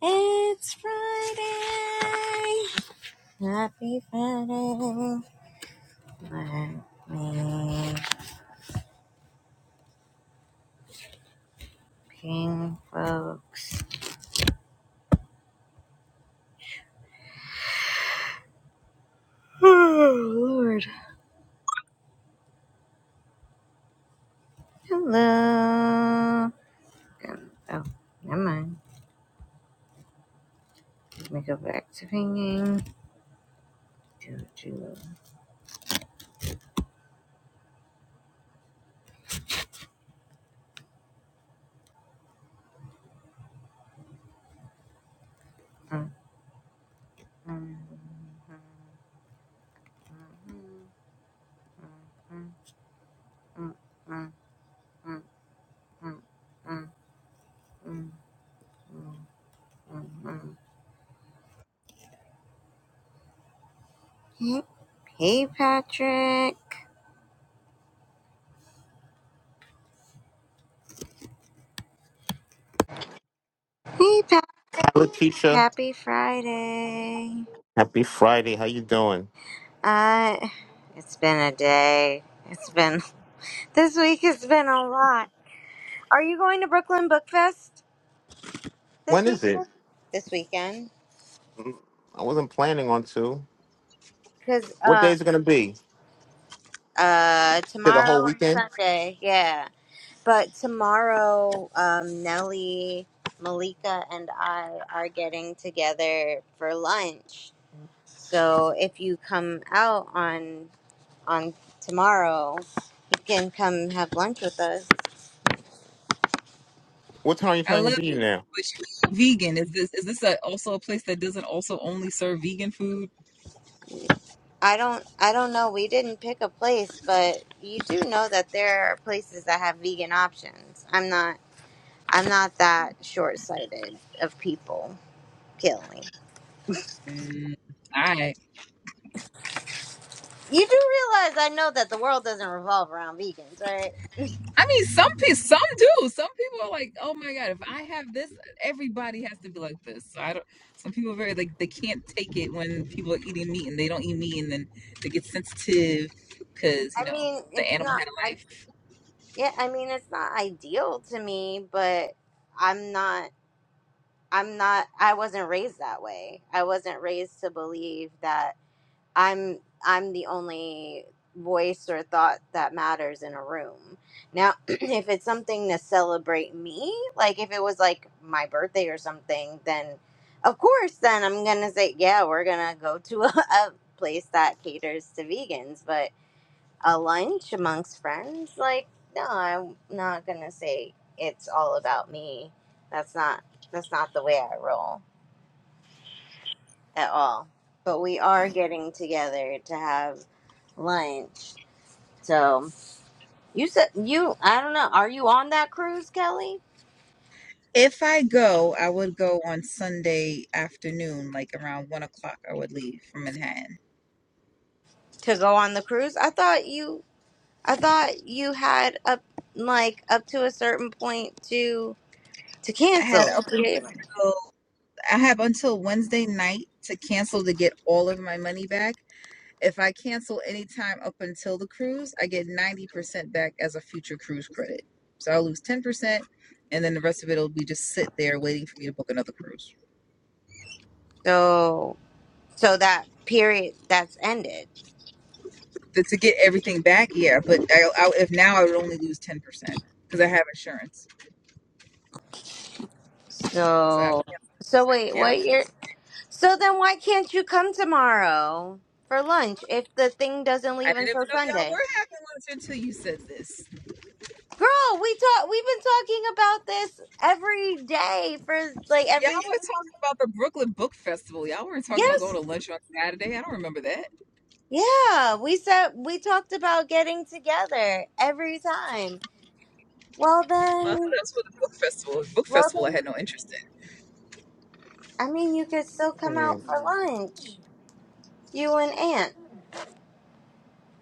It's Friday. Happy Friday. Let me folks. Oh, Lord. Hello. Um, oh, never mind. Let me go back to singing. Do, do. Um, um, um, um, um, um, um, um, um, um, um. Hey, hey, Patrick. Hey, Patrick. Hi, Letitia. Happy Friday. Happy Friday. How you doing? Uh, it's been a day. It's been this week has been a lot. Are you going to Brooklyn Book Fest this When is it? weekend? This weekend? Mm, I wasn't planning on to. Because What day um is it going to be? uh To the whole tomorrow and weekend? Sunday, yeah. But tomorrow, um Nellie, Malika, and I are getting together for lunch. So if you come out on on tomorrow, you can come have lunch with us. What time are you I planning to love be you, now? but you vegan. Is this is this a, also a place that doesn't also only serve vegan food? I don't I don't know. We didn't pick a place, but you do know that there are places that have vegan options. I'm not I'm not that short-sighted of people killing. Mm, all right. You do realize I know that the world doesn't revolve around vegans, right? I mean, some people some do. Some people are like, oh my god, if I have this, everybody has to be like this. So I don't. Some people are very like they can't take it when people are eating meat and they don't eat meat, and then they get sensitive because you I know mean, the it's animal not had a I life. yeah, I mean it's not ideal to me, but I'm not I'm not I wasn't raised that way. I wasn't raised to believe that I'm I'm the only voice or thought that matters in a room. Now, if it's something to celebrate me, like if it was like my birthday or something, then of course, then I'm gonna say, yeah, we're gonna go to a, a place that caters to vegans. But a lunch amongst friends, like, no, I'm not gonna say it's all about me. That's not that's not the way I roll at all. But we are getting together to have lunch. So you said you I don't know. Are you on that cruise, Kelly? If I go, I would go on Sunday afternoon, like around one o'clock. I would leave from Manhattan. To go on the cruise? I thought you I thought you had up like up to a certain point to to I had cancel. up Yeah. until I have until Wednesday night to cancel to get all of my money back. If I cancel any time up until the cruise, I get 90% back as a future cruise credit. So I'll lose 10%, and then the rest of it will be just sit there waiting for me to book another cruise. So so that period that's ended. To, to get everything back, yeah, but I, I, if now I would only lose 10% because I have insurance. So I have, So so wait, can't have what year? cancel. So then why can't you come tomorrow for lunch if the thing doesn't I leave didn't even until know y'all Sunday? were having lunch until you said this. Girl, we talk. We've been talking about this every day for like Y'all every were time. talking about the Brooklyn Book Festival. Y'all weren't talking about going Yes. to lunch on Saturday. I don't remember that. Yeah. We said we talked about getting together every time. Well Well, then, that's for the book festival. Book well festival, I then. had no interest in. I mean, you could still come Hmm. out for lunch, you and Aunt,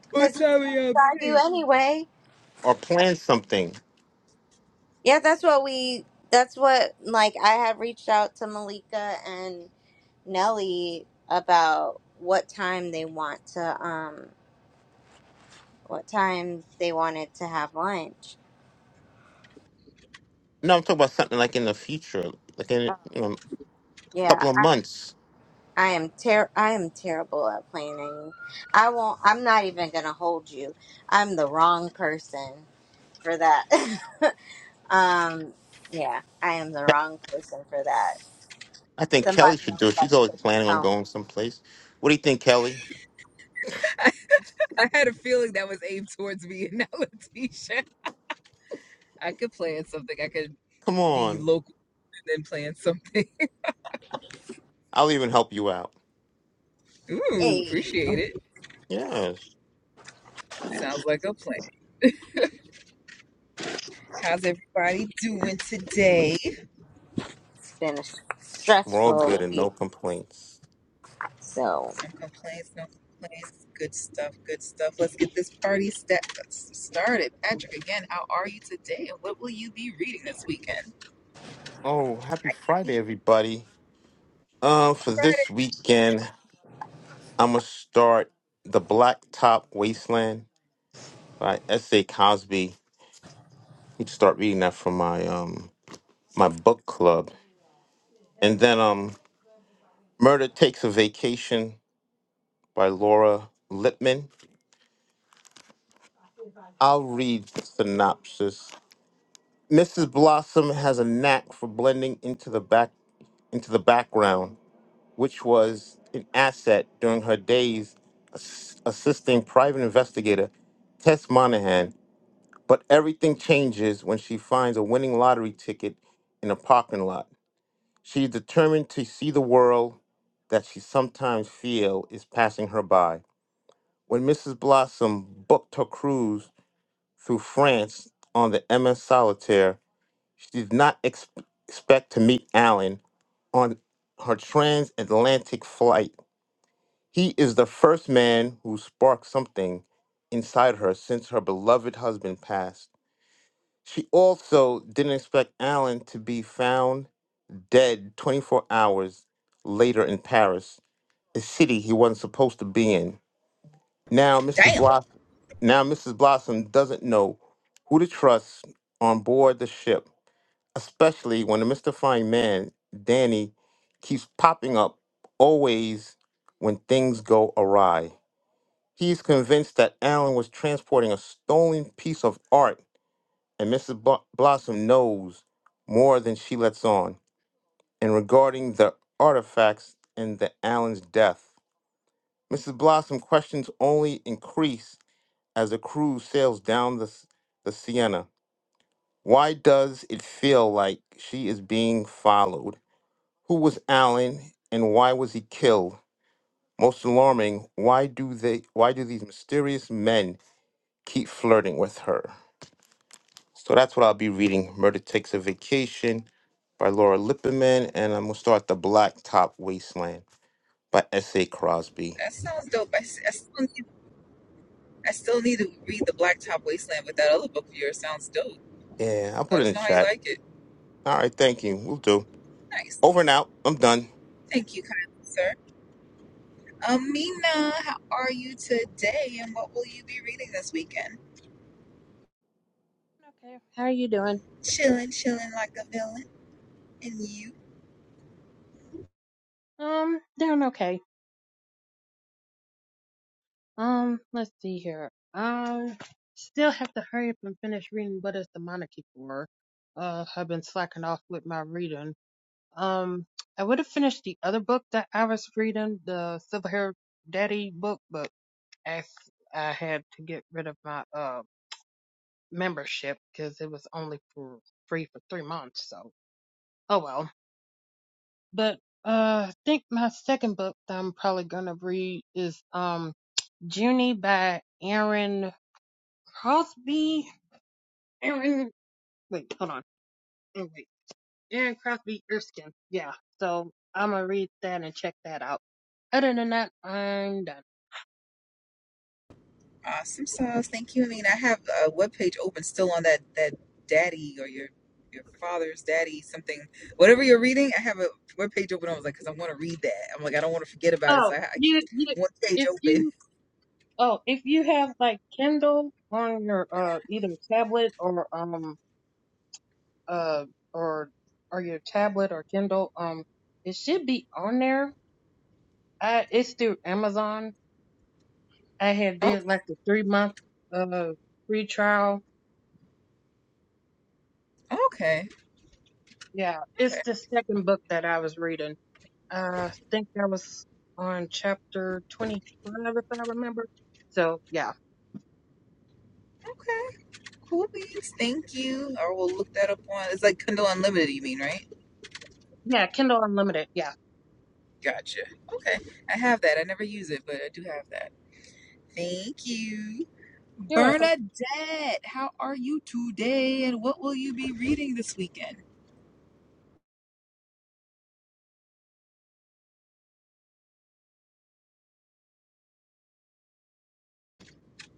because What he's time are gonna y'all drive you meeting? anyway. Or plan something? Yeah, that's what we. That's what like I had reached out to Malika and Nelly about what time they want to um what time they wanted to have lunch. No, I'm talking about something like in the future, like in you know, a couple Yeah, of I, months. I am ter I am terrible at planning. I won't I'm not even gonna hold you. I'm the wrong person for that. um yeah, I am the Ke- wrong person for that. I think Kelly Somebody should else do it. gotta She's always take me planning on home. going someplace. What do you think, Kelly? I had a feeling that was aimed towards me and not Letitia. I could plan something. I could Come be on. local and then plan something. I'll even help you out. Ooh, Hey, appreciate it. Yes. That sounds like a plan. How's everybody doing today? it's been a We're all good stressful and week. no complaints. So No complaints, no complaints. Good stuff, good stuff. Let's get this party sta- started. Patrick, again, how are you today? And what will you be reading this weekend? Oh, happy Friday, everybody. Uh, for this Friday. weekend. I'm gonna start the Blacktop Wasteland by S. A. Cosby. Need to start reading that from my um my book club, and then um Murder Takes a Vacation by Laura Lippman. I'll read the synopsis. Mrs. Blossom has a knack for blending into the back into the background, which was an asset during her days ass- assisting private investigator Tess Monahan But everything changes when she finds a winning lottery ticket in a parking lot. She is determined to see the world that she sometimes feel is passing her by. When Mrs. Blossom booked her cruise through France on the MS Solitaire, she did not ex- expect to meet Alan on her transatlantic flight. He is the first man who sparked something inside her since her beloved husband passed. She also didn't expect Alan to be found dead 24 hours later in Paris, a city he wasn't supposed to be in. Now Mrs. Damn, Blossom, now Mrs. Blossom doesn't know who to trust on board the ship, especially when the mystifying man, Danny, keeps popping up always when things go awry. He's convinced that Alan was transporting a stolen piece of art and Mrs. Blo- Blossom knows more than she lets on. And regarding the artifacts and the Allen's death, Mrs. Blossom questions only increase as the crew sails down the, s- the Sienna. Why does it feel like she is being followed? Who was Allen and why was he killed? Most alarming, why do they why do these mysterious men keep flirting with her? So that's what I'll be reading. Murder Takes a Vacation by Laura Lipperman. And I'm going to start The Blacktop Wasteland by S.A. Crosby. that sounds dope. I, s- I still I still need to read The Blacktop Wasteland, but that other book of yours sounds dope. Yeah, I'll put Let it in us the know how you chat. like it. All right, thank you. We'll do. Nice. Over and out. I'm done. Thank you, kindly, sir. Amina, how are you today and what will you be reading this weekend? Okay, how are you doing? Chilling, chilling like a villain. And you? Um, doing okay. Um, let's see here. I still have to hurry up and finish reading What is the Monarchy for? Uh, I've been slacking off with my reading. Um, I would have finished the other book that I was reading, the Silver Hair Daddy book, but as I had to get rid of my uh membership because it was only for free for three months. So, oh well. But uh, I think my second book that I'm probably gonna read is um Junie by Aaron Crosby. Aaron, wait, hold on. Oh, wait. Aaron Crosby Erskine. Yeah. So I'm gonna read that and check that out. Other than that, I'm done. Awesome sauce. Thank you, Amina. I have a webpage open still on that, that daddy or your your father's daddy, something, whatever you're reading. I have a webpage open. I was like, because I want to read that. I'm like, I don't want to forget about it. Oh, So I, I keep you, you, one page if open. you, oh, if you have like Kindle on your, uh, either tablet or, um, uh, or, or your tablet or Kindle, um, it should be on there. I, it's through Amazon. I had did like the three month, uh, free trial Okay, okay, Yeah, okay, it's the second book that I was reading. I think I was on chapter 25, if I remember. So, yeah. okay. Cool beans, thank you. Or we'll look that up on. It's like Kindle Unlimited, you mean, right? Yeah, Kindle Unlimited. Yeah. Gotcha. Okay. I have that. I never use it, but I do have that. Thank you. You're welcome. Bernadette, how are you today and what will you be reading this weekend?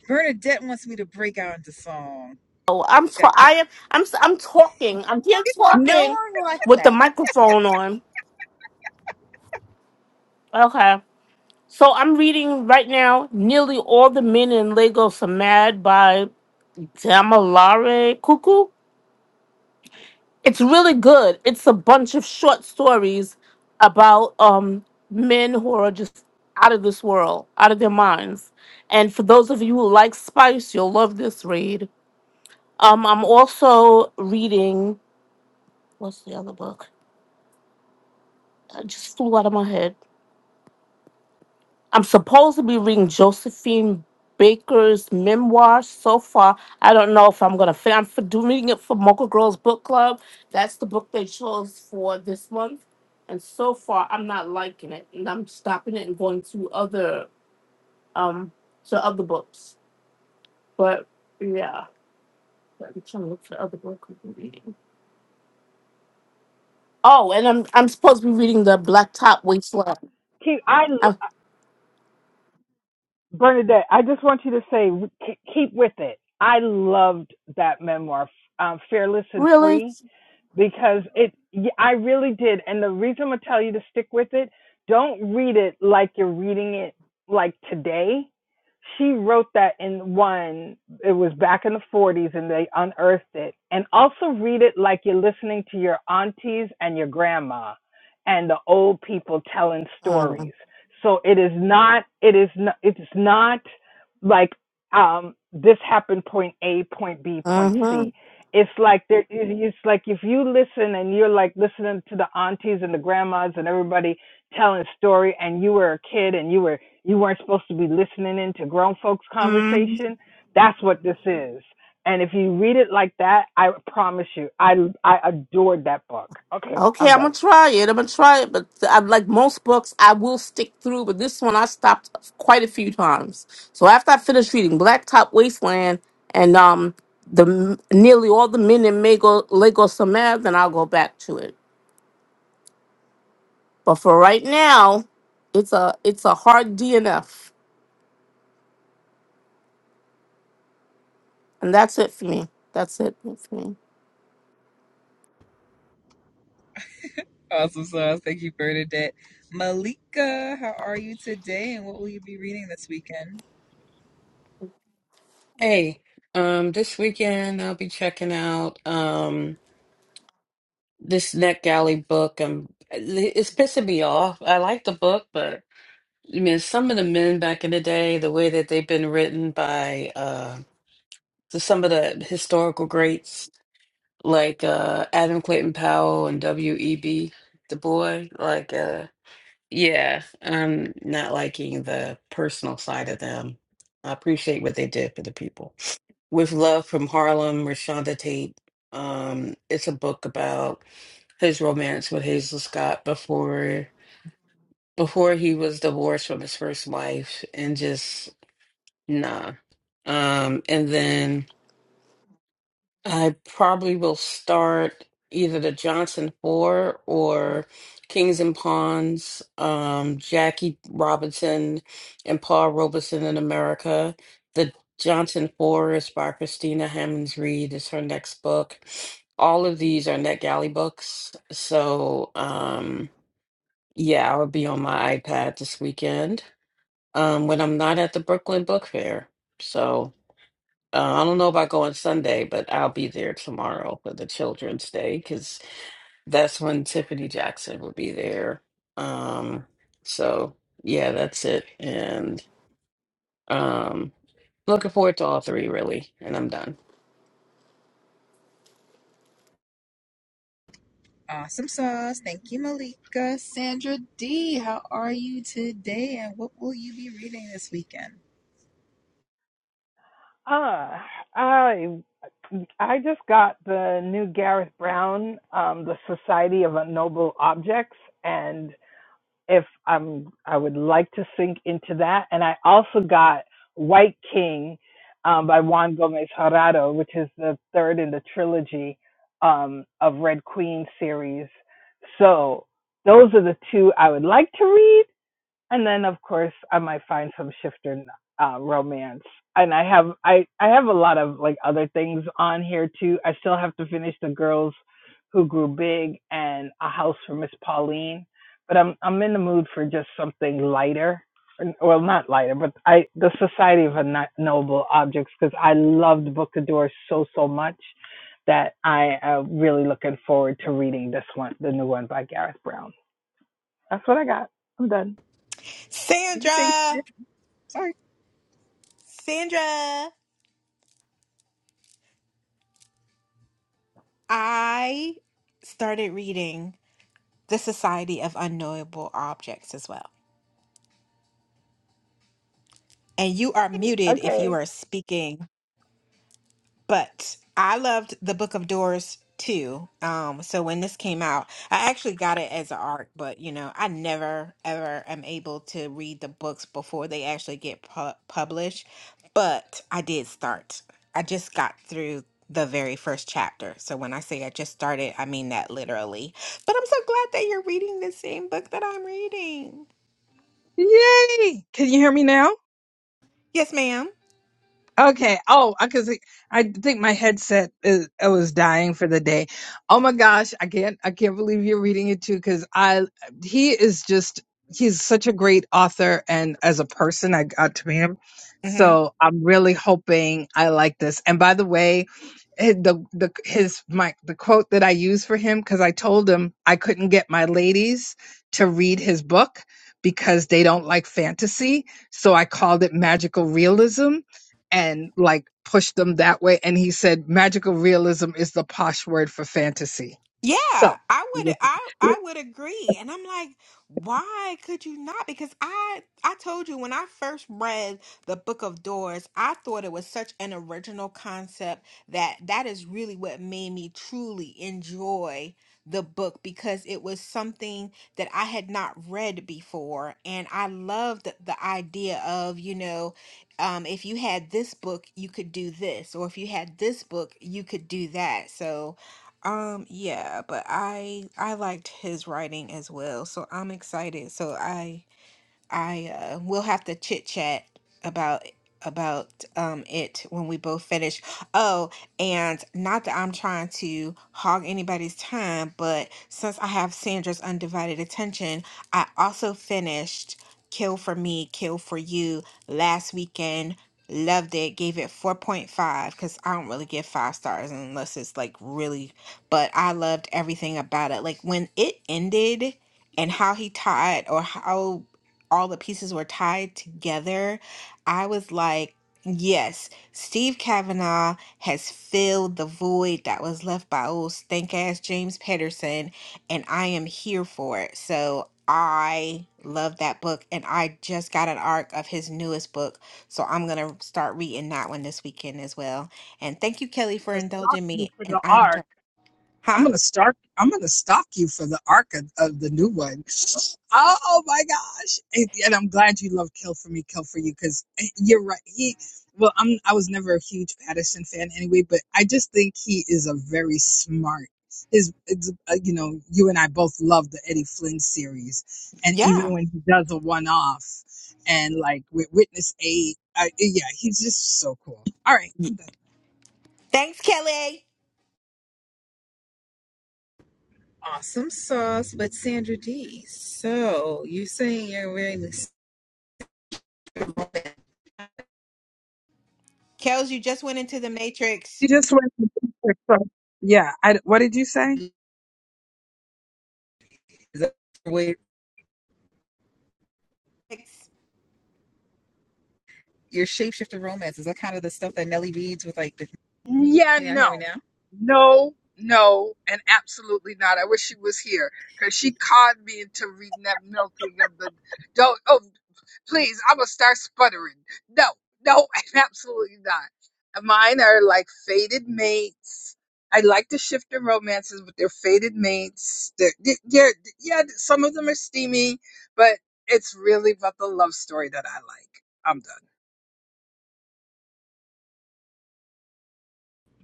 Bernadette wants me to break out into song. Oh, I'm t- That got I am I'm s- I'm talking. I'm here no talking one wants with the that. microphone on. Okay. So I'm reading right now nearly all the men in Lagos are mad by Damilare Cuckoo. It's really good. It's a bunch of short stories about um men who are just out of this world, out of their minds. And for those of you who like spice, you'll love this read. Um I'm also reading what's the other book? I just flew out of my head. I'm supposed to be reading Josephine Baker's memoir so far. I don't know if I'm gonna fit. I'm for doing it for Mocha Girls Book Club. That's the book they chose for this month, and so far I'm not liking it, and I'm stopping it and going to other um to other books. But yeah, I'm trying to look for other books I'm reading. Oh, and I'm I'm supposed to be reading the Blacktop Wasteland. Keep, I lo- i Bernadette. I just want you to say keep keep with it. I loved that memoir, um, "Fearless and really. Free." because it I really did and the reason I'm going to tell you to stick with it don't read it like you're reading it like today she wrote that in one it was back in the 40s and they unearthed it and also read it like you're listening to your aunties and your grandma and the old people telling Uh stories so it is not it is not it's not like um this happened point a point b point huh. c it's like there it's like if you listen and you're like listening to the aunties and the grandmas and everybody telling a story and you were a kid and you were you weren't supposed to be listening into grown folks conversation that's what this is and if you read it like that i promise you i i adored that book okay Okay, i'm I'm done gonna try it. I'm gonna try it, but I, like most books, I will stick through. But this one, I stopped quite a few times. So after I finished reading Blacktop Wasteland and um the nearly all the men in Mago, Lagos are mad, then I'll go back to it. But for right now, it's a it's a hard DNF, and that's it for me. That's it for me. awesome sauce. Thank you, Bernadette. Malika, how are you today and what will you be reading this weekend? Hey, um, this weekend I'll be checking out um this NetGalley book. Um, it's pissing me off. I like the book, but I mean, some of the men back in the day, the way that they've been written by uh the- some of the historical greats like uh Adam Clayton Powell and W.E.B. Du Bois, like uh yeah, I'm not liking the personal side of them. I appreciate what they did for the people. With Love from Harlem, Rashonda Tate. Um, it's a book about his romance with Hazel Scott before before he was divorced from his first wife and just nah. Um, and then I probably will start either the Johnson Four or Kings and Pawns, um, Jackie Robinson and Paul Robeson in America. The Johnson Four is by Christina Hemmings Reed, is her next book. All of these are NetGalley books. So, um, yeah, I will be on my iPad this weekend um, when I'm not at the Brooklyn Book Fair. So, uh, I don't know about going Sunday, but I'll be there tomorrow for the Children's Day because that's when Tiffany Jackson will be there. Um, so yeah, that's it. And um, looking forward to all three really. And I'm done. Awesome sauce. Thank you, Malika. Sandra D, how are you today? And what will you be reading this weekend? uh i i just got the new gareth brown um the society of noble objects and if I'm I would like to sink into that. And I also got White King um, by Juan Gomez Harado, which is the third in the trilogy um, of Red Queen series. So those are the two I would like to read and then of course I might find some shifter uh, romance. And I have I I have a lot of like other things on here too. I still have to finish the girls who grew big and a house for Miss Pauline. But I'm I'm in the mood for just something lighter, Or- well not lighter, but I the Society of Ano- Noble Objects because I loved Book of Doors so so much that I am really looking forward to reading this one, the new one by Gareth Brown. That's what I got. I'm done. Did you say Sandra, shift? Sorry. Sandra, I started reading The Society of Unknowable Objects as well. And you are muted if you Okay. are speaking But I loved the Book of Doors too. Um, so when this came out, I actually got it as an arc. but you know, I never ever am able to read the books before they actually get pu- published. But I did start. I just got through the very first chapter. So when I say I just started, I mean that literally. But I'm so glad that you're reading the same book that I'm reading. Yay! Can you hear me now? Yes, madam Okay. Oh, because I think my headset is I was dying for the day. Oh my gosh, I can't I can't believe you're reading it too. Because I he is just he's such a great author, and as a person, I got to meet him. So I'm really hoping I like this. And by the way, eh, the the his my the quote that I used for him because I told him I couldn't get my ladies to read his book because they don't like fantasy. So I called it magical realism and like push them that way. And he said magical realism is the posh word for fantasy. Yeah, So I I'm would going I I would agree. And I'm like, why could you not? Because I I told you when I first read the Book of Doors, I thought it was such an original concept that that is really what made me truly enjoy the book because it was something that I had not read before and I loved the, the idea of, you know, um if you had this book, you could do this, or if you had this book, you could do that. So um, yeah, but I I liked his writing as well, so I'm excited. So I I uh, will have to chit chat about about um it when we both finish. Oh, and not that I'm trying to hog anybody's time, but since I have Sandra's undivided attention, I also finished Kill for Me, Kill for You last weekend. Loved it. Gave it 4.5 because I don't really give five stars unless it's like really, but I loved everything about it. Like when it ended and how he tied or how all the pieces were tied together, I was like, yes, Steve Kavanaugh has filled the void that was left by old stank ass James Patterson, and I am here for it. So I love that book, and I just got an arc of his newest book. So I'm going to start reading that one this weekend as well. And thank you, Kelly, for to stock indulging you me. for And the I'm art done. I'm Huh? gonna start. I'm gonna stalk you for the arc of, of the new one. Oh my gosh! And, and I'm glad you love Kill for me, Kill for you, because you're right. He, well, I'm. I was never a huge Patterson fan anyway, but I just think he is a very smart. His, it's, uh, you know, you and I both love the Eddie Flynn series, and even Yeah. when he does a one-off, and like with Witness Eight, I, yeah, he's just so cool. All right, I'm done. Thanks, Kelly. Awesome sauce, but Sandra D. So you're saying you're wearing this Kels, you just went into the Matrix. You just went. To, so yeah. I, what did you say? is that with your shapeshifter romance. Is that kind of the stuff that Nelly reads with like the Yeah, can y'all no. hear me now? No, no, and absolutely not. I wish she was here because she conned me into reading that milking of the don't. Oh, please, I'm gonna start sputtering. No, no, and absolutely not. Mine are like faded mates. I like to shift the romances, but they're faded mates. They're, they yeah, yeah, some of them are steamy, but it's really about the love story that I like. I'm done.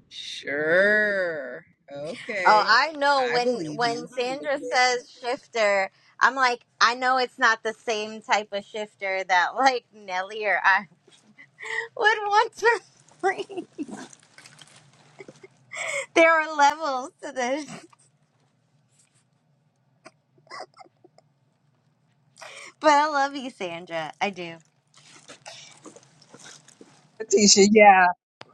Sure. Oh, Okay. I know I when believe when you. Sandra I says shifter, I'm like, I know it's not the same type of shifter that like Nelly or I would want for free. There are levels to this. But I love you, Sandra. I do. Letitia, yeah.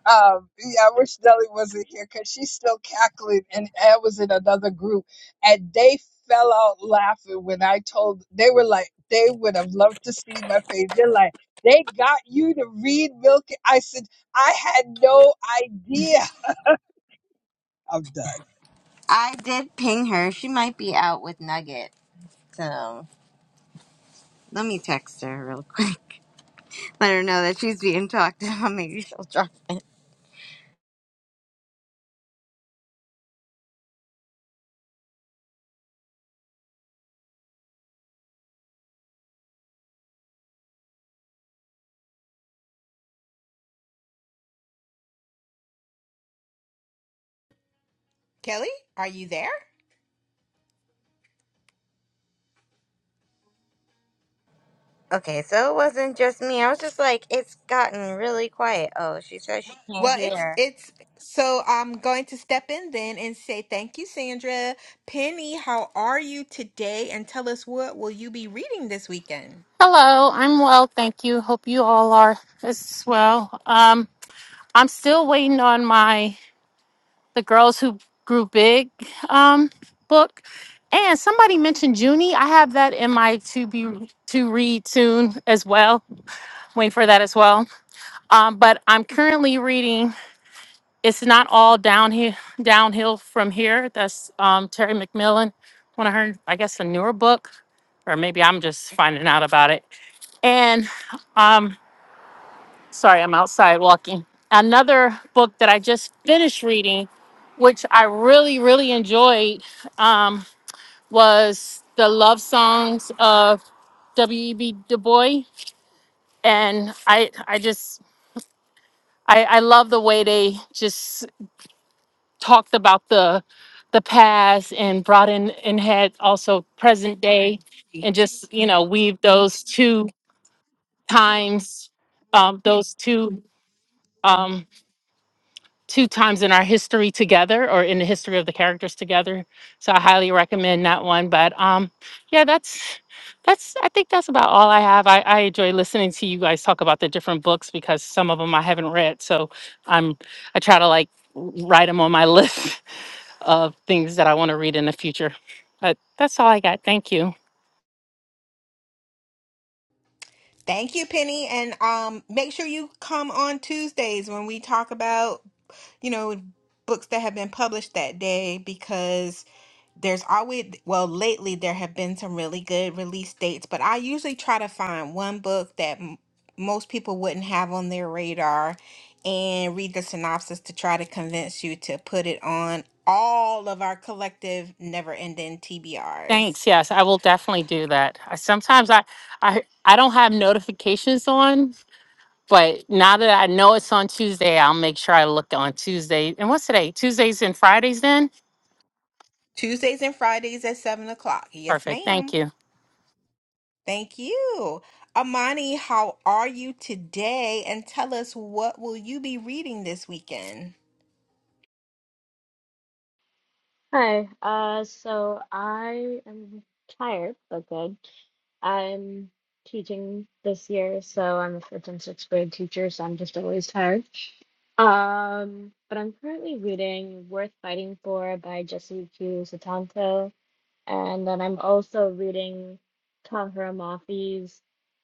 Um, yeah, I wish Nelly wasn't here because she's still cackling. And I was in another group, and they fell out laughing when I told. They were like, they would have loved to see my face. They're like, they got you to read Milk. I said, I had no idea. I'm done. I did ping her. She might be out with Nugget. So let me text her real quick. Let her know that she's being talked about. Maybe she'll drop it. Kelly, are you there? Okay, so it wasn't just me. I was just like, it's gotten really quiet. Oh, she says she can't Well, it's hear. it's so I'm going to step in then and say thank you, Sandra. Penny, how are you today? And tell us what will you be reading this weekend? Hello, I'm well, thank you. Hope you all are as well. Um, I'm still waiting on my The Girls Who Grew Big um, book. And somebody mentioned Junie. I have that in my to be to read soon as well. Waiting for that as well. Um, but I'm currently reading It's Not All Downhill Downhill from Here. That's um, Terry McMillan, one of her, I guess, a newer book. Or maybe I'm just finding out about it. And um, sorry, I'm outside walking. Another book that I just finished reading, which I really, really enjoyed, um, was The Love Songs of W.E.B. Du Bois. And I, I just, I, I love the way they just talked about the the past and brought in and had also present day and just you know weave those two times um those two Um, two times in our history together or in the history of the characters together. So I highly recommend that one. But um yeah, that's that's I think that's about all I have. I, I enjoy listening to you guys talk about the different books because some of them I haven't read. So I'm I try to like w- write them on my list of things that I want to read in the future. But that's all I got. Thank you. Thank you, Penny. And um, make sure you come on Tuesdays when we talk about, you know, books that have been published that day because there's always, well, lately there have been some really good release dates, but I usually try to find one book that m- most people wouldn't have on their radar and read the synopsis to try to convince you to put it on all of our collective never ending TBRs. Thanks. Yes, I will definitely do that. I, sometimes I, I I don't have notifications on But now that I know it's on Tuesday, I'll make sure I look on Tuesday. And what's today? Tuesdays and Fridays then? Tuesdays and Fridays at 7 o'clock. Yes, Perfect. Thank ma'am. you. Thank you. Amani, how are you today? And tell us what will you be reading this weekend? Hi. Uh, so I am tired, but good. I'm teaching this year, so I'm a fifth and sixth grade teacher, so I'm just always tired. Um, but I'm currently reading Worth Fighting For by Jesse Q. Sutanto, and then I'm also reading Tahira Mafi's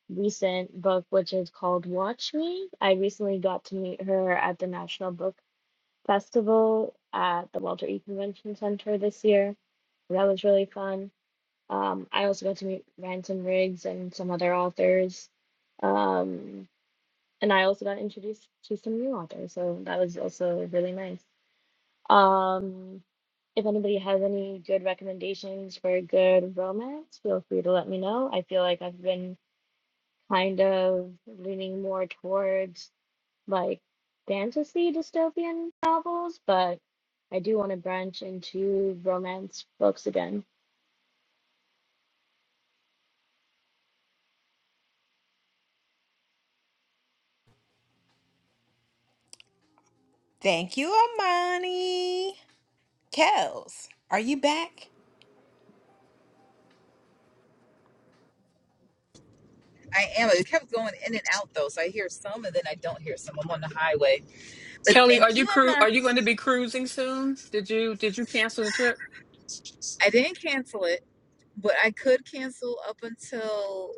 recent book, which is called Watch Me. I recently got to meet her at the National Book Festival at the Walter E. Convention Center this year that was really fun. Um, I also got to meet Ransom Riggs and some other authors. Um, and I also got introduced to some new authors, so that was also really nice. Um, if anybody has any good recommendations for a good romance, feel free to let me know. I feel like I've been kind of leaning more towards like fantasy dystopian novels, but I do want to branch into romance books again. Thank you, Amani. Kels, are you back? am. It kept going in and out though, so I hear some and then I don't hear some. I'm on the highway. But Kelly, are thank you you, cru- Emma. are you going to be cruising soon? Did you did you cancel the trip? I didn't cancel it, but I could cancel up until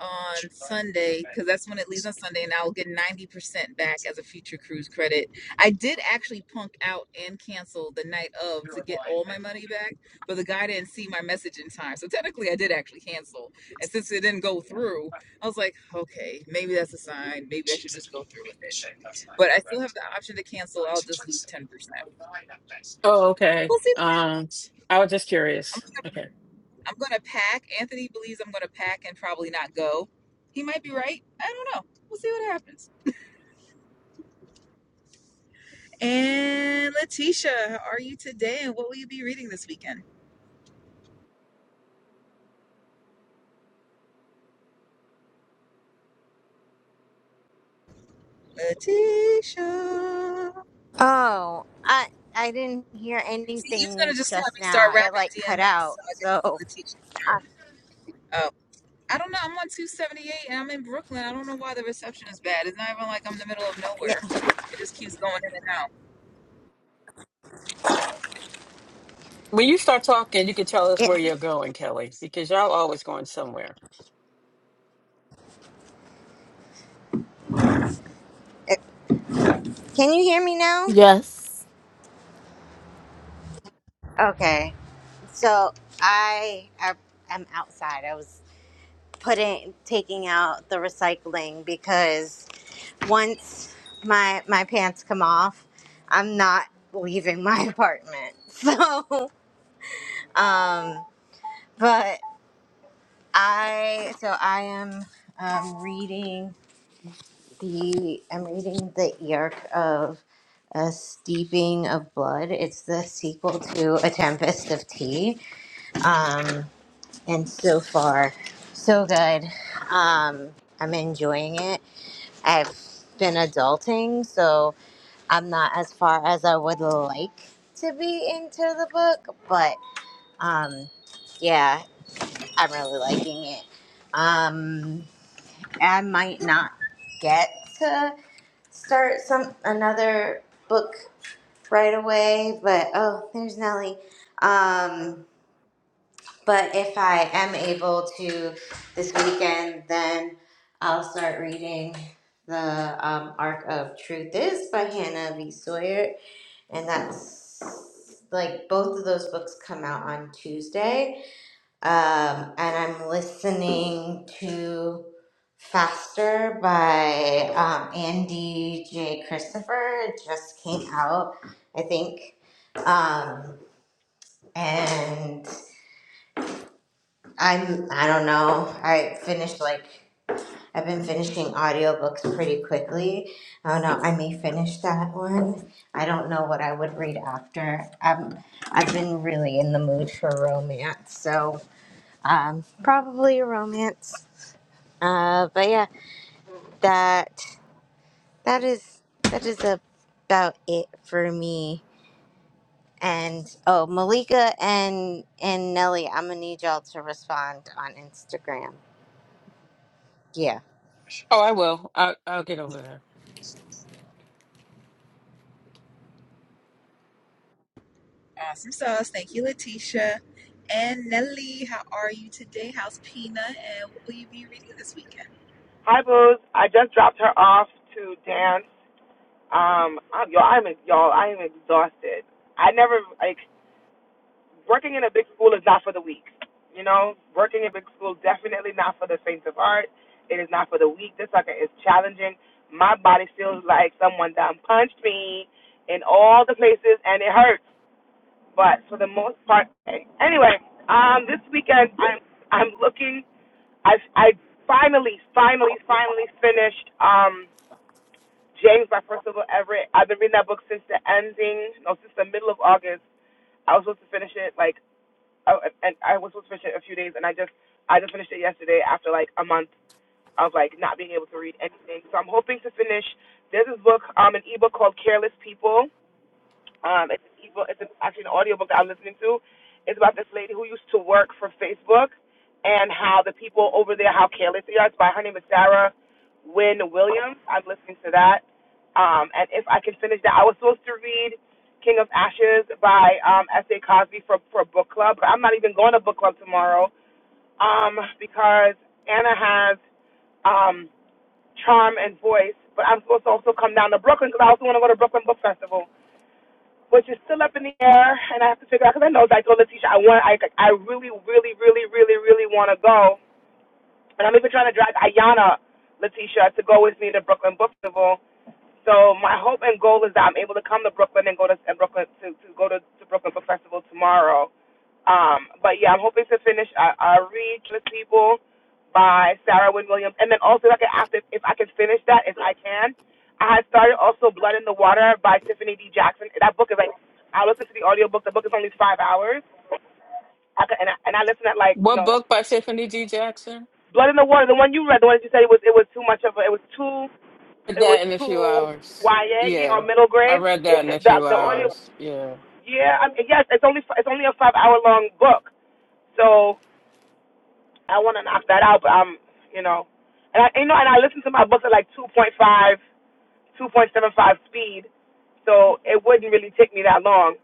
on Sunday because that's when it leaves on Sunday, and I'll get ninety percent back as a future cruise credit. I did actually punk out and cancel the night of to get all my money back, but the guy didn't see my message in time, so technically I did actually cancel. And since it didn't go through, I was like, okay, maybe that's a sign. Maybe I should just go through with it. But I still have the option to cancel. I'll just lose ten percent. Okay. We'll Um, see. I was just curious. I'm Okay. I'm gonna pack. Anthony believes I'm gonna pack and probably not go. He might be right. I don't know. We'll see what happens. And Letitia, how are you today? And what will you be reading this weekend? Letitia. Oh, I I didn't hear See, he was gonna anything just have just me start now. It rapping like cut DMX out. so I could see So, Letitia. uh, Oh, I don't know. I'm on 278 and I'm in Brooklyn. I don't know why the reception is bad. It's not even like I'm in the middle of yeah, nowhere. It just keeps going in and out. When you start talking, you can tell us it, where you're going, Kelly, because y'all always going somewhere. it, can you hear me now? Yes, Okay. So I I am outside. I was putting taking out the recycling because once my my pants come off, I'm not leaving my apartment. So, um, but I so I am um reading. the I'm reading the Yark of a Steeping of Blood. It's the sequel to A Tempest of Tea. Um, and so far, so good. Um, I'm enjoying it. I've been adulting, so I'm not as far as I would like to be into the book, but um, yeah, I'm really liking it. Um, I might not get to start some another book right away but oh there's nellie um but if i am able to this weekend then i'll start reading the um, arc of truth is by hannah v sawyer and that's like both of those books come out on tuesday um, and I'm listening to Faster by um, Andy J. Christopher. It just came out, I think. Um, and I'm, I don't know, I finished like, I've been finishing audiobooks pretty quickly. I don't know, I may finish that one. I don't know what I would read after. Um, I've been really in the mood for romance, so Um, probably a romance. Uh, but yeah, that that is that is about it for me. And oh, Malika and and Nelly, I'm gonna need y'all to respond on Instagram. Yeah, Oh, I will. I, I'll get over there. Awesome sauce. Thank you, Letitia. And Nelly, how are you today? How's Pina? And what will you be reading this weekend? Hi, Booze. I just dropped her off to dance. Um, I'm, y'all, I'm y'all, I am exhausted. I never like working in a big school is not for the weak. You know, working in big school definitely not for the faint of heart. It is not for the weak. This sucker is challenging. My body feels like someone done punched me in all the places, and it hurts. But for the most part, okay. anyway, um, this weekend I'm I'm looking. I I finally, finally, finally finished. Um James by Percival Everett. I've been reading that book since the ending, no, since the middle of August. I was supposed to finish it like, oh, and I was supposed to finish it in a few days, and I just, I just finished it yesterday after like a month of like not being able to read anything. So I'm hoping to finish. There's this book, um, an ebook called Careless People um, it's an ebook. It's an, actually an audiobook that I'm listening to. It's about this lady who used to work for Facebook and how the people over there, how careless they are. It's by her name is Sarah Wynne Williams. I'm listening to that. Um, and if I can finish that, I was supposed to read King of Ashes by um, S.A. Cosby for for book club, but I'm not even going to book club tomorrow um, because Anna has um, charm and voice. But I'm supposed to also come down to Brooklyn because I also want to go to Brooklyn Book Festival which is still up in the air, and I have to figure out because I know I told Letitia I want I I really really really really really want to go, and I'm even trying to drag Ayana Letitia to go with me to Brooklyn Book Festival. So my hope and goal is that I'm able to come to Brooklyn and go to and Brooklyn to, to go to, to Brooklyn Book Festival tomorrow. Um, but yeah, I'm hoping to finish. I, I read *Kill People* by Sarah Wynne Williams, and then also if I can ask if, if I can finish that, if I can. I had started also *Blood in the Water* by Tiffany D. Jackson. That book is like I listened to the audiobook. The book is only five hours. I could, and I, and I listened at like you What know book by Tiffany D. Jackson? *Blood in the Water*. The one you read, the one that you said it was it was too much of a, it was too Read it was that in a few too hours. YA yeah, or Yeah. middle I grade. read that in The a few the audio hours. Yeah. yeah I mean, yes it's only it's only a five hour long book. So I want to knock that out, but I'm, you know, and I, you know, and I listen to my books at like 2.5, 2.75 speed, so it wouldn't really take me that long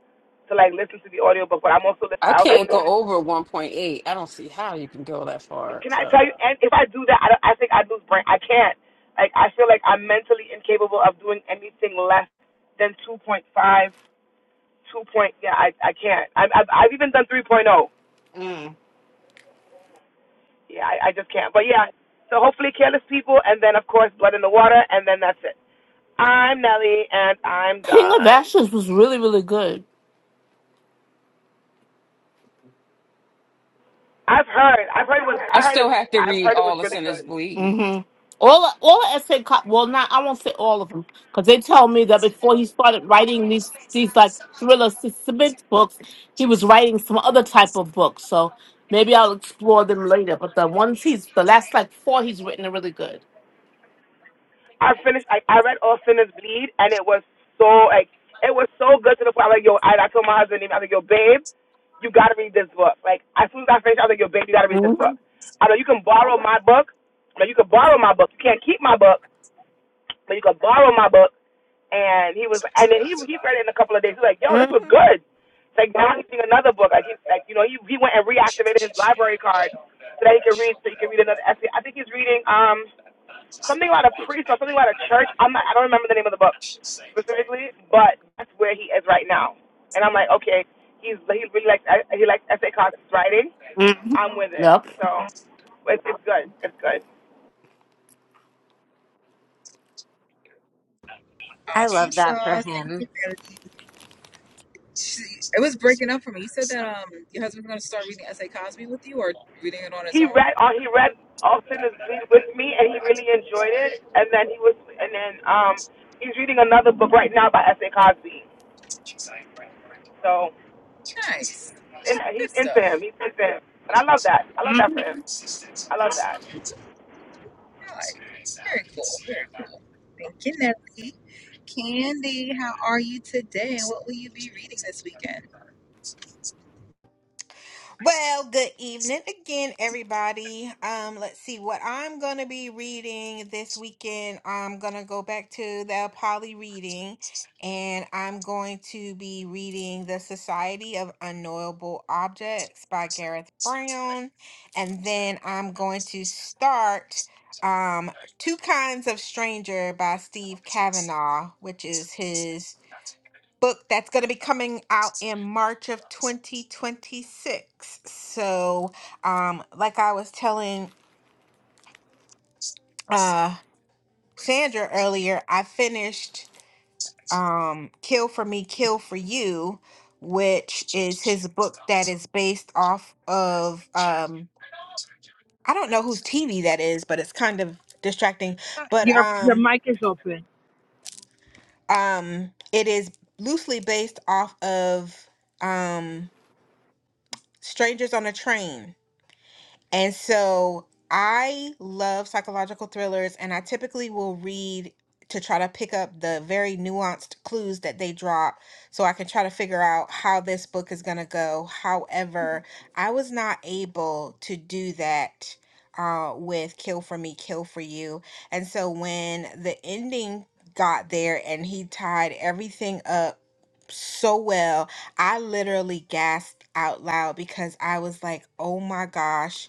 to like listen to the audiobook. But I'm also, lis- I I also can't want to. go over 1.8. I don't see how you can go that far. Can I tell So you? And if I do that, I, don't, I think I'd lose brain. I can't. Like I feel like I'm mentally incapable of doing anything less than 2.5, 2. Point, yeah, I I can't. i I've, I've even done 3.0. Yeah, I, I just can't. But yeah, so hopefully careless people, and then of course blood in the water, and then that's it. I'm Nelly, and I'm King of done. Ashes was really really good. I've heard. I've heard it was. I I heard still it. have to I've read heard it All was the really Sinners good. Bleed. hmm All all the essay, co- well, not I won't say all of them, because they tell me that before he started writing these these like thriller si, suspense books, he was writing some other type of books. So maybe I'll explore them later. But the ones he's the last like four he's written are really good. I finished. I, I read All Sinners Bleed, and it was so like it was so good to the point. I'm like, yo, I, I told my husband, I was like, yo, babe, you gotta read this book. Like as soon as I finished, I was like, yo, babe, you gotta read this book. hmm I know you can borrow my book. No, you can borrow my book. You can't keep my book, but you can borrow my book And he was, and then he he read it in a couple of days. He's like, "Yo, this hmm was good." It's like now he's reading another book. Like he, like you know, he he went and reactivated his library card so that he could read, so he could read another essay. I think he's reading um something about a priest or something about a church. I'm not, I don't remember the name of the book specifically, but that's where he is right now. And I'm like, okay, he's he really likes he likes essay concepts writing. hmm I'm with it, Yep. so it's, it's good. It's good. I Awesome love that for sauce. Thank him. you, Nelly. She, it was breaking up for me. You said that um your husband's going to start reading S.A. Cosby with you or reading it on his he read own. all he read all sinners bleed with me and he really enjoyed it and then he was and then um he's reading another book right now by S. A. Cosby. So Nice. and he's Good into stuff. him. He's into him. And I love that. I love that for hmm him. I love that. I like it. Very cool. Very cool. Thank you, Nelly. Candy, how are you today? And what will you be reading this weekend? Well, good evening again, everybody. Um, let's see what I'm gonna be reading this weekend. I'm gonna go back to the poly reading, and I'm going to be reading The Society of Unknowable Objects by Gareth Brown, and then I'm going to start um Two Kinds of Stranger by Steve Kavanaugh, which is his book that's going to be coming out in March of 2026. So, um, like I was telling uh, Sandra earlier, I finished um, Kill for Me, Kill for You, which is his book that is based off of, um, I don't know whose TV that is, but it's kind of distracting. But Your your um, mic is open. um, it is loosely based off of um, Strangers on a Train And so I love psychological thrillers, and I typically will read to try to pick up the very nuanced clues that they drop so I can try to figure out how this book is going to go. However, I was not able to do that. Uh, with Kill for Me, Kill for You. And so when the ending got there and he tied everything up so well, I literally gasped out loud because I was like, oh my gosh,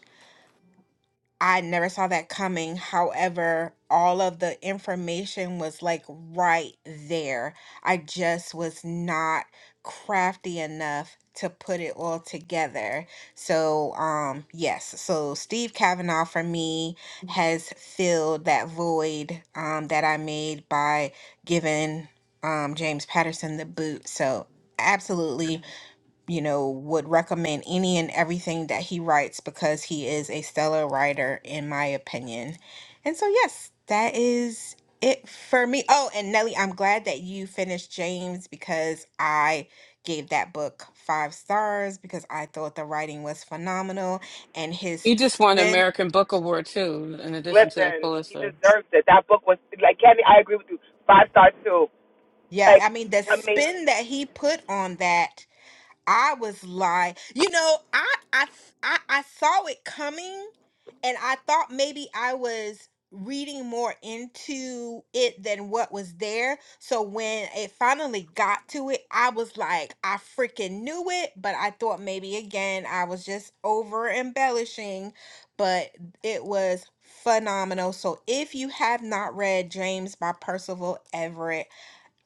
I never saw that coming. However, all of the information was like right there. I just was not crafty enough to put it all together. So, um, yes. So Steve Kavanaugh for me has filled that void um, that I made by giving um, James Patterson the boot. So, absolutely you know, would recommend any and everything that he writes because he is a stellar writer, in my opinion. And so, yes, that is it for me. Oh, and Nelly, I'm glad that you finished James because I gave that book five stars because I thought the writing was phenomenal and his He just won the spin. American Book Award too, in addition to the Listen, he Pulitzer. deserves it. That book was like Candy, I agree with you. Five stars too. Yeah, I Like mean, the amazing. spin that he put on that I was like, you know, I, I I I saw it coming and I thought maybe I was reading more into it than what was there. So when it finally got to it, I was like, I freaking knew it, but I thought maybe again I was just over embellishing, but it was phenomenal. So if you have not read James by Percival Everett,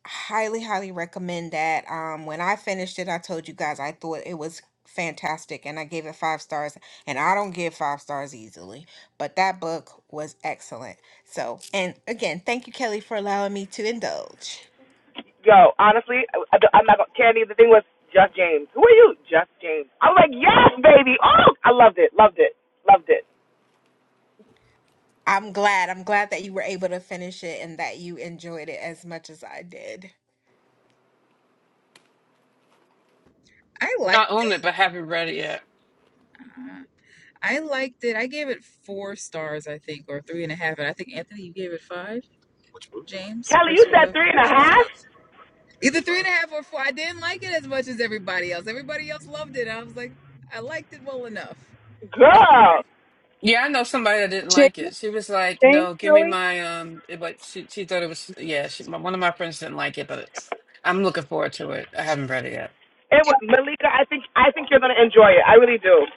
highly, highly recommend that. Um, when I finished it, I told you guys I thought it was fantastic and I gave it five stars. And I don't give five stars easily, but that book was excellent. So, and again, thank you, Kelly, for allowing me to indulge. Yo, honestly, I, I'm not gonna Candy, the thing was just James. Who are you? Just James. I'm like, yes, baby. Oh I loved it, loved it, loved it. I'm glad. I'm glad that you were able to finish it and that you enjoyed it as much as I did. I like. I own it, but haven't read it yet. I liked it. I gave it four stars, I think, or three and a half. And I think Anthony, you gave it five. James, Kelly, you said Percival, three and a half? either three and a half or four. I didn't like it as much as everybody else. Everybody else loved it. I was like, I liked it well enough. Girl, Yeah, I know somebody that didn't James, like it. She was like, James "No, give me Kelly, my um." It, but she she thought it was yeah. She, my, one of my friends didn't like it, but it's, I'm looking forward to it. I haven't read it yet. and w- Ke- Malika, I think I think you're gonna enjoy it. I really do.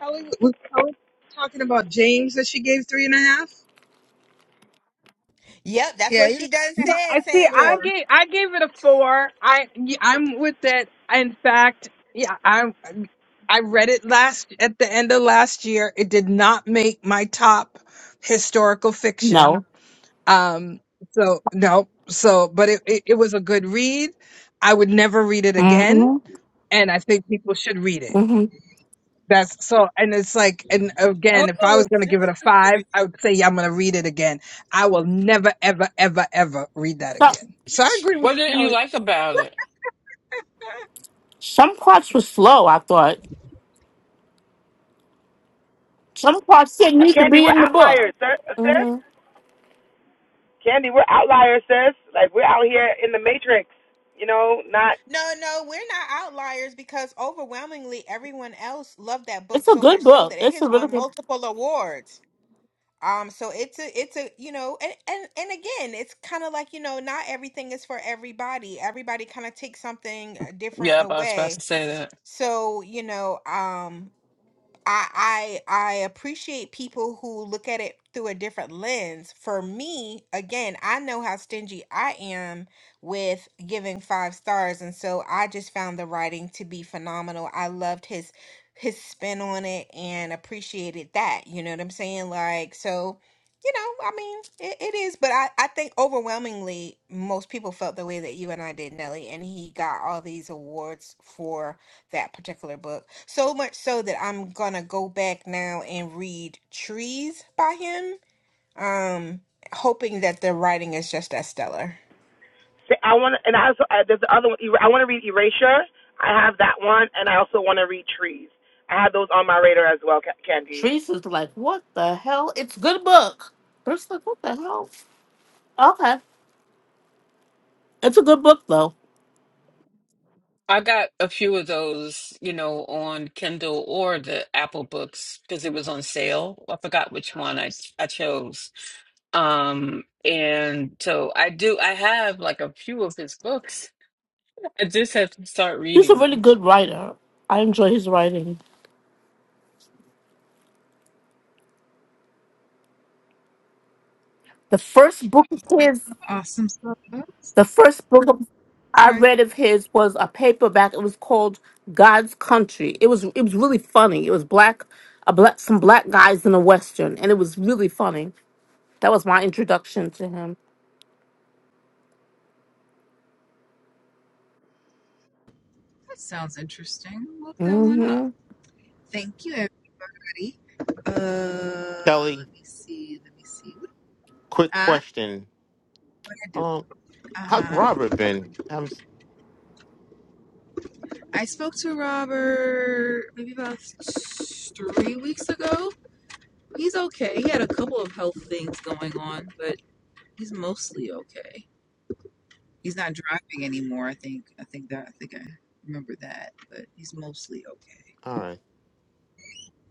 Kelly was Kelly talking about James that she gave three and a half. Yep, that's Yeah, what either she three done and a half No, said, I see. or I Sandra. four. gave I gave it a four. I i y- I'm with it. In fact, yeah, I'm. I read it last at the end of last year. It did not make my top historical fiction. No. Um. So no. So, but it it, it was a good read. I would never read it again, hmm and I think people should read it. hmm That's so, and it's like, and again, if I Oh, was it's going to give it's it a five, I would say, yeah, I'm going to read it again. I will never, ever, ever, ever read that So, again. So I agree with What you, didn't you Kelly. like about it? some parts were slow. I thought some parts didn't need to Candy, be we're in the book. outliers, sir, sis. hmm Candy, we're outliers, sis. Like we're out here in the matrix. You know, not. No, no, we're not outliers because overwhelmingly everyone else loved that book It's a so much good so that book. it It's has a really won good. multiple awards. Um, so it's a it's a you know and and and again it's kind of like you know not everything is for everybody. Everybody kind of takes something uh, different Yep, I was about to away. say that. So, you know, um I I I appreciate people who look at it through a different lens. For me, again, I know how stingy I am with giving five stars, and so I just found the writing to be phenomenal. I loved his his spin on it and appreciated that. You know what I'm saying? Like so, you know, I mean, it, it is, but I I think overwhelmingly most people felt the way that you and I did, Nelly, and he got all these awards for that particular book. So much so that I'm gonna go back now and read Trees by him, um, hoping that the writing is just as stellar. I want and I also uh, there's the other one. er- I want to read Erasure. I have that one, and I also want to read Trees. I have those on my radar as well, Ca- Candy. Sharice is like, what the hell? It's a good book. Teresa's like, what the hell? Okay. It's a good book, though. I got a few of those, you know, on Kindle or the Apple books because it was on sale. I forgot which one I I chose. Um, and so I do I have like a few of his books. I just have to start He's a reading really them. good writer. I enjoy his writing. The first book of his, Awesome stuff. Oops, the first book of, I Sorry, read of his was a paperback. It was called God's Country. It was it was really funny. It was black, a black some black guys in a western, and it was really funny. That was my introduction to him. that sounds interesting. Look that one up. hmm Thank you, everybody. Uh, Kelly, let me see. Let me see. What, quick ah, uh, question. what I do? Um, Uh how's huh. Robert been? I'm, I spoke to Robert maybe about three weeks ago. He's okay. He had a couple of health things going on, but he's mostly okay. He's not driving anymore. I think. I think that. I think I remember that. But he's mostly okay. all right.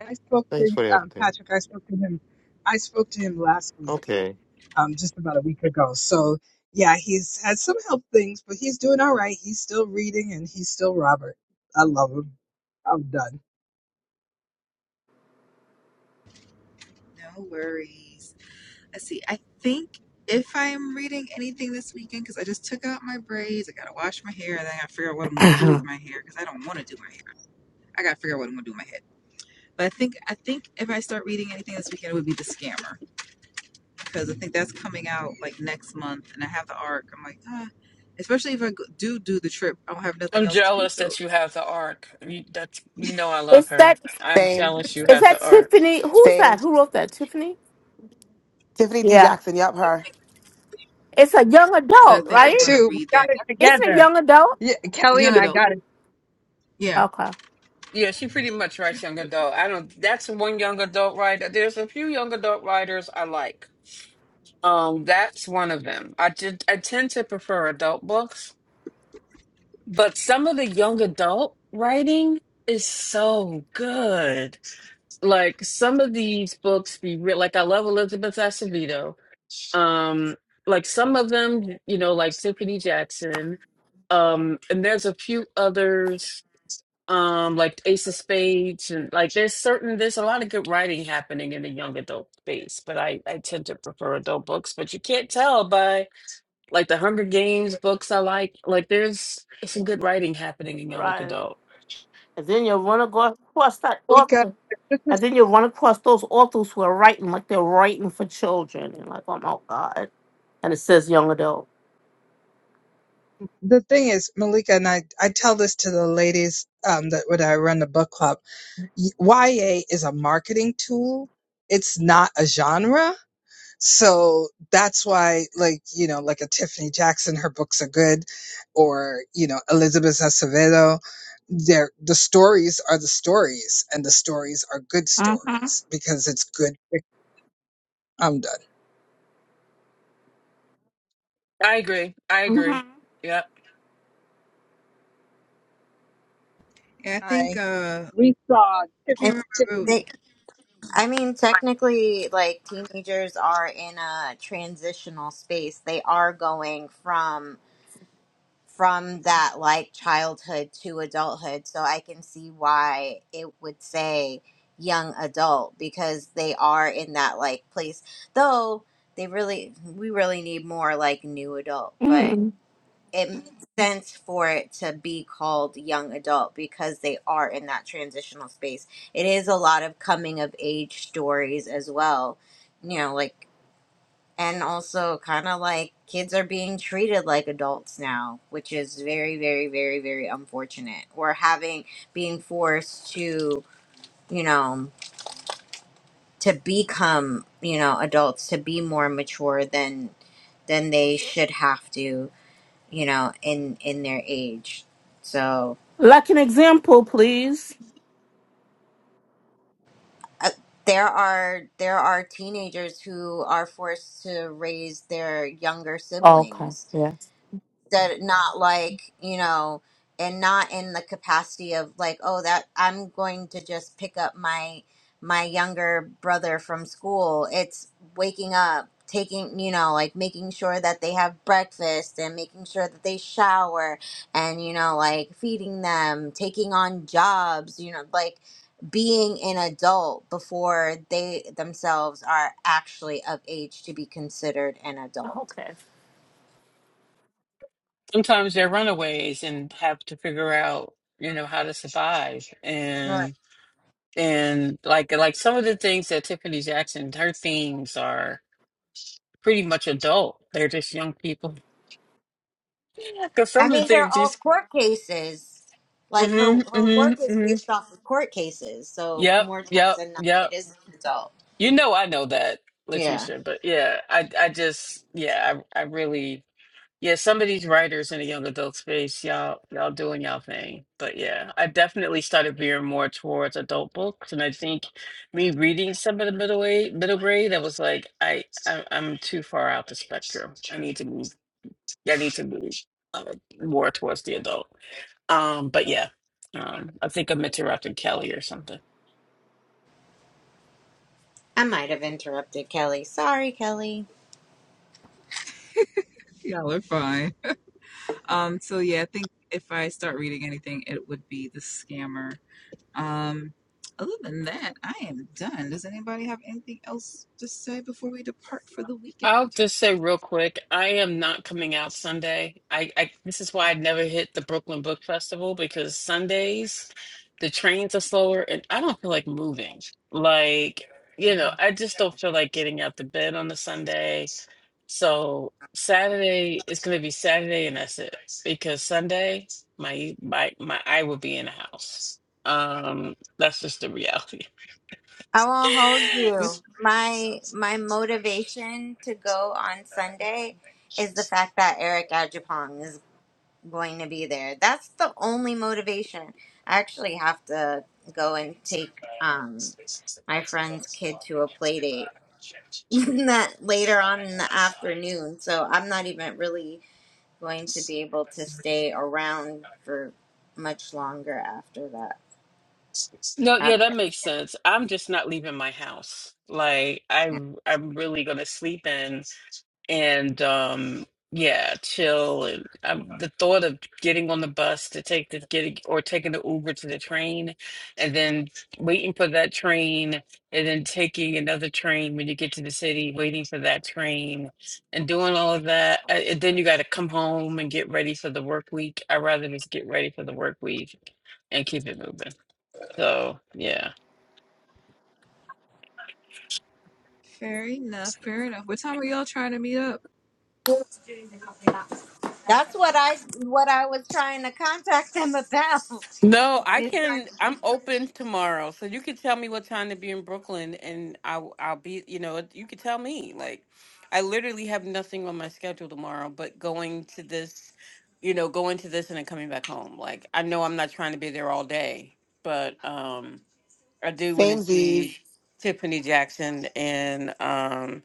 I spoke to Thanks for the um, update. Patrick. I spoke to him. I spoke to him last week, Okay. um, just about a week ago. So yeah, he's had some health things, but he's doing all right. He's still reading and he's still Robert. I love him. I'm done. No worries. Let's see. I think if I am reading anything this weekend, because I just took out my braids, I gotta wash my hair, and then I gotta figure out what I'm gonna do with my hair because I don't want to do my hair. I gotta figure out what I'm gonna do with my head. But I think I think if I start reading anything this weekend, it would be The Scammer. because I think that's coming out like next month, and I have the arc. I'm like, ah, especially if I do do the trip, I don't have nothing I'm else to do. jealous So, that you have the arc. You, that's you know I love Is her. that I'm Same, jealous you is have the that arc. Tiffany? Who's same. that? Who wrote that? Tiffany? Tiffany D. Yeah. Jackson, yup, her. It's a young so I adult, think I'm Eric right? gonna too. We read got that it It's a together. young adult. Yeah, Kelly young and I adult. got it. Yeah, Okay. Yeah, she pretty much she- writes young adult. I don't. That's one young adult writer. There's a few young adult writers I like. Um, that's one of them. I did. I tend to prefer adult books, but some of the young adult writing is so good. Like some of these books be real. Like I love Elizabeth Acevedo. Um, like some of them, you know, like Tiffany Jackson. Um, and there's a few others um like ace of spades and like there's certain there's a lot of good writing happening in the young adult space but i i tend to prefer adult books but you can't tell by like the hunger games books i like like there's some good writing happening in young Right. adult And then you run across that Malika, author. And then you run across those authors who are writing like they're writing for children. And like, oh my God. And it says young adult. the thing is, Malika, and I, I tell this to the ladies um, that when I run the book club, y- YA is a marketing tool. It's not a genre. So that's why, like, you know, like a Tiffany Jackson, her books are good, or, you know, Elizabeth Acevedo, they're, the stories are the stories, and the stories are good Mm-hmm. stories because it's good. fic- I'm i agree i agree Mm-hmm. yep yeah. I done. think uh, I And can't remember. they- I mean, technically, like teenagers are in a transitional space. They are going from from that like childhood to adulthood. So I can see why it would say young adult because they are in that like place. Though they really, we really need more like new adult, but hmm it makes sense for it to be called young adult because they are in that transitional space. It is a lot of coming of age stories as well. You know, like and also kind of like kids are being treated like adults now which is very very very very unfortunate or having being forced to you know to become you know adults to be more mature than than they should have to you know in in their age so Like an example, please. uh, there are there are teenagers who are forced to raise their younger Okay. siblings Yeah. that not like you know and not in the capacity of like oh that i'm going to just pick up my my younger brother from school it's waking up taking you know like making sure that they have breakfast and making sure that they shower and you know like feeding them taking on jobs you know like being an adult before they themselves are actually of age to be considered an adult Okay. sometimes they're runaways and have to figure out you know how to survive Right. and and like like some of the things that tiffany jackson her themes are pretty much adult they're just young people because I some of the mean, they're things all these court cases. Like her, mm-hmm, her mm-hmm, work is mm-hmm. based off of court cases, so yep more times yep than not, yep it is an adult. you know i know that Yeah, leticia but yeah i i just yeah i, I really Yeah, some of these writers in the young adult space, y'all, y'all doing y'all thing. But yeah, I definitely started veering more towards adult books, and I think me reading some of the middle way, middle grade, I was like, I, I, I'm too far out the spectrum. I need to move. I need to move uh, more towards the adult. Um, but yeah, um, I think I'm interrupting Kelly or something. I might have interrupted Kelly. Sorry, Kelly. Y'all are fine. Um, so yeah, I think if I start reading anything, it would be the Scammer. Um, other than that, I am done. Does anybody have anything else to say before we depart for the I'll weekend? just say real quick, I am not coming out Sunday. I, I this is why I never hit the Brooklyn Book Festival because Sundays the trains are slower and I don't feel like moving. Like, you know, I just don't feel like getting out the bed on a Sunday. So Saturday is gonna be Saturday and that's it. Because Sunday my my my I will be in the house. Um that's just the reality. I won't hold What's you. My my motivation to go on Sunday is the fact that Eric Ajapong is going to be there. That's the only motivation. I actually have to go and take um my friend's kid to a play date that later on in the afternoon. So I'm not even really going to be able to stay around for much longer after that. No, yeah, After. that makes sense. I'm just not leaving my house. Like I I'm really gonna sleep in and um yeah, chill and i the thought of getting on the bus to take the getting or taking the Uber to the train and then waiting for that train and then taking another train when you get to the city, waiting for that train and doing all of that. uh, And then you got to come home and get ready for the work week. I'd rather just get ready for the work week and keep it moving. So, yeah. fair enough? Fair enough. What time are y'all trying to meet up? That's what I what I was trying to contact them about. No, I Is like, can. I'm open tomorrow, so you can tell me what time to be in Brooklyn, and I'll I'll be. You know, you could tell me. Like, I literally have nothing on my schedule tomorrow, but going to this, you know, going to this and then coming back home. Like, I know I'm not trying to be there all day, but um, I do want to Same see Z's. Tiffany Jackson and um,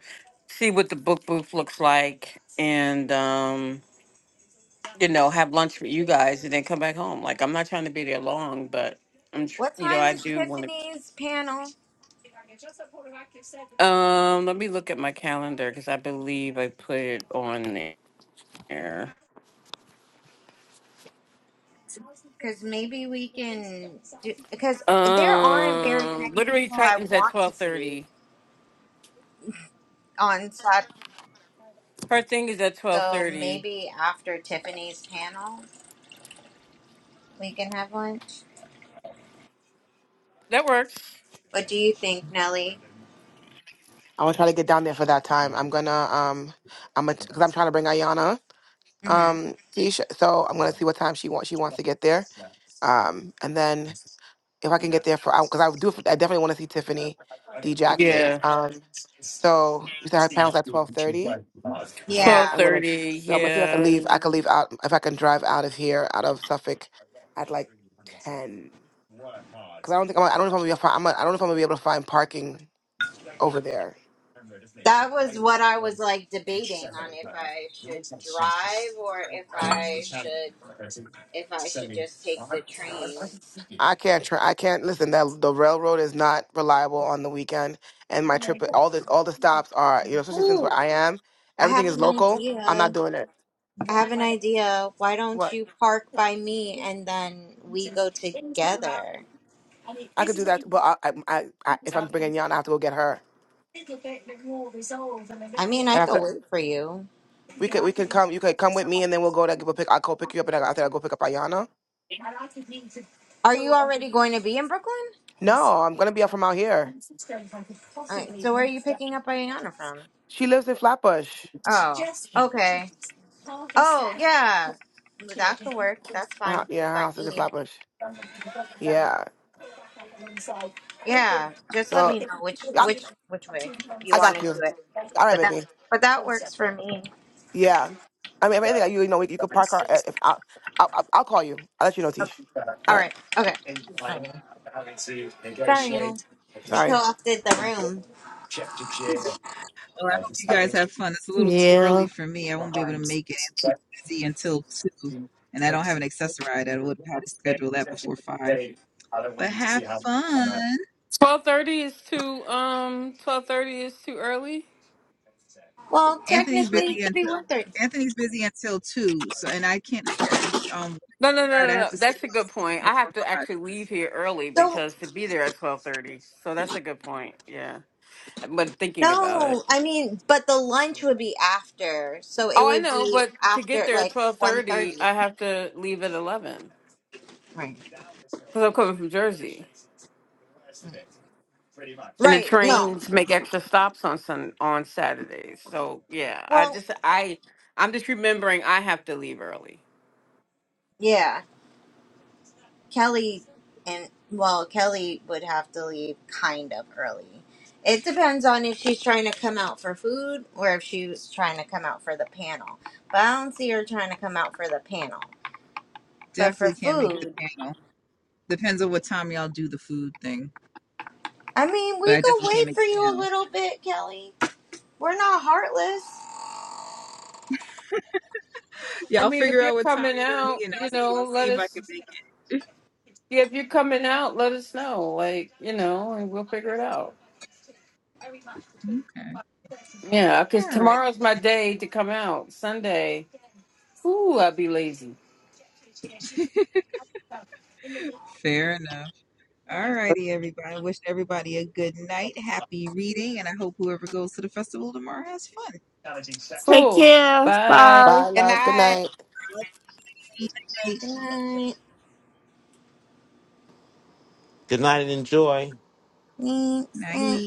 see what the book booth looks like, and um you know, have lunch with you guys and then come back home. Like I'm not trying to be there long, but I'm, tr- what you know, time I is do want Tiffany's panel? to. Um, let me look at my calendar because I believe I put it on there. Because maybe we can do because there aren't very Um, many literary people I Titans at want to twelve see thirty. on Saturday. Her thing is at twelve So thirty. maybe after Tiffany's panel, we can have lunch. That works. What do you think, Nelly? I'm gonna try to get down there for that time. I'm gonna um, I'm gonna because I'm trying to bring Ayana. hmm Um, Keisha, so I'm gonna see what time she wants. She wants to get there. Um, and then if I can get there for, because I, 'cause I do, I definitely want to see Tiffany D Jackson. Um, so we said her panel's at twelve thirty. All right, Twelve Yeah, I'm gonna. thirty. So I'm gonna see if I can Yeah. leave. I can leave out if I can drive out of here, out of Suffolk, at like ten. Cause I don't think I'm. I don't know if I'm gonna be. able to fi- I'm. I don't know if I'm gonna be able to find parking over there. that was what I was like debating on if I should drive or if I should if I should just take the train. I can't try. I can't listen. That the railroad is not reliable on the weekend, and my trip, all the all the stops are, you know, especially since where Ooh, I am, I everything have is an local. I'm not idea. doing it. I have an idea. Why don't What you park by me and then we go together? I could do that, but I, I, I, I if I'm bringing Yana, I have to go get her. I mean, I I have could to. wait for you. We could, we can come. You could come with me, and then we'll go to go pick. I'll go pick you up, and I, I think I'll go pick up Ayana. Are you already going to be in Brooklyn? No, I'm gonna be up from out here. All right, so where are you picking up Ayana from? She lives in Flatbush. Oh, okay. Oh, yeah. That could work. That's Her, hou- fine yeah, her by house is in me. Flatbush. Yeah. Yeah, just let So me know which I, which which way you I want got to you. do it. All right, But that baby. but that works for me. Yeah. I mean, if anything, like, you know, you could park our. If I, I'll, I'll I'll call you. I'll let you know, Okay. Tish. All All right. right. Okay. Alrighty. Sorry, we Sorry. co-opted the room. Well, I hope you guys have fun. It's a little too early Yeah. for me. I won't be able to make it. busy until two, and I don't have an accessoride. I would have had to schedule that before five. But have fun. Twelve thirty is too. Um, twelve thirty is too early. Well, Anthony's technically, it busy could be until one thirty. Anthony's busy until two. So and I can't schedule. Um, No, no, no, right, I have to schedule it before five. So but thinking about it. no, I mean, but the lunch would be after, so it Oh, I would know, be but to get after there at like twelve one thirty, thirty. I have to leave at eleven Right. because I'm coming from Jersey, and the Right. No. trains make extra stops on sun on Saturdays. So yeah, I Well, just I I'm just remembering I have to leave early. yeah. Kelly and well, Kelly would have to leave kind of early. It depends on if she's trying to come out for food or if she was trying to come out for the panel. But I don't see her trying to come out for the panel. But for Definitely can't make the food, panel. Depends on what time y'all do the food thing. I mean, But we I could definitely can't wait make for the you a panel. little bit, Kelly. We're not heartless. I Y'all mean, if figure you're out what time coming you're gonna out, meet, and you I'll see. know, I'll see let if I can us. make Yeah, if you're coming out, let us know. Like you know, and we'll figure it out. it. Okay. Yeah, because All right. tomorrow's my day to come out. Sunday. Ooh, I'd be lazy. Fair enough. All righty, everybody. I wish everybody a good night, happy reading, and I hope whoever goes to the festival tomorrow has fun. Take Cool. care. Bye. Bye. Bye, And loves. Good I night. Night. Good night. Good night and enjoy. Thanks. Night.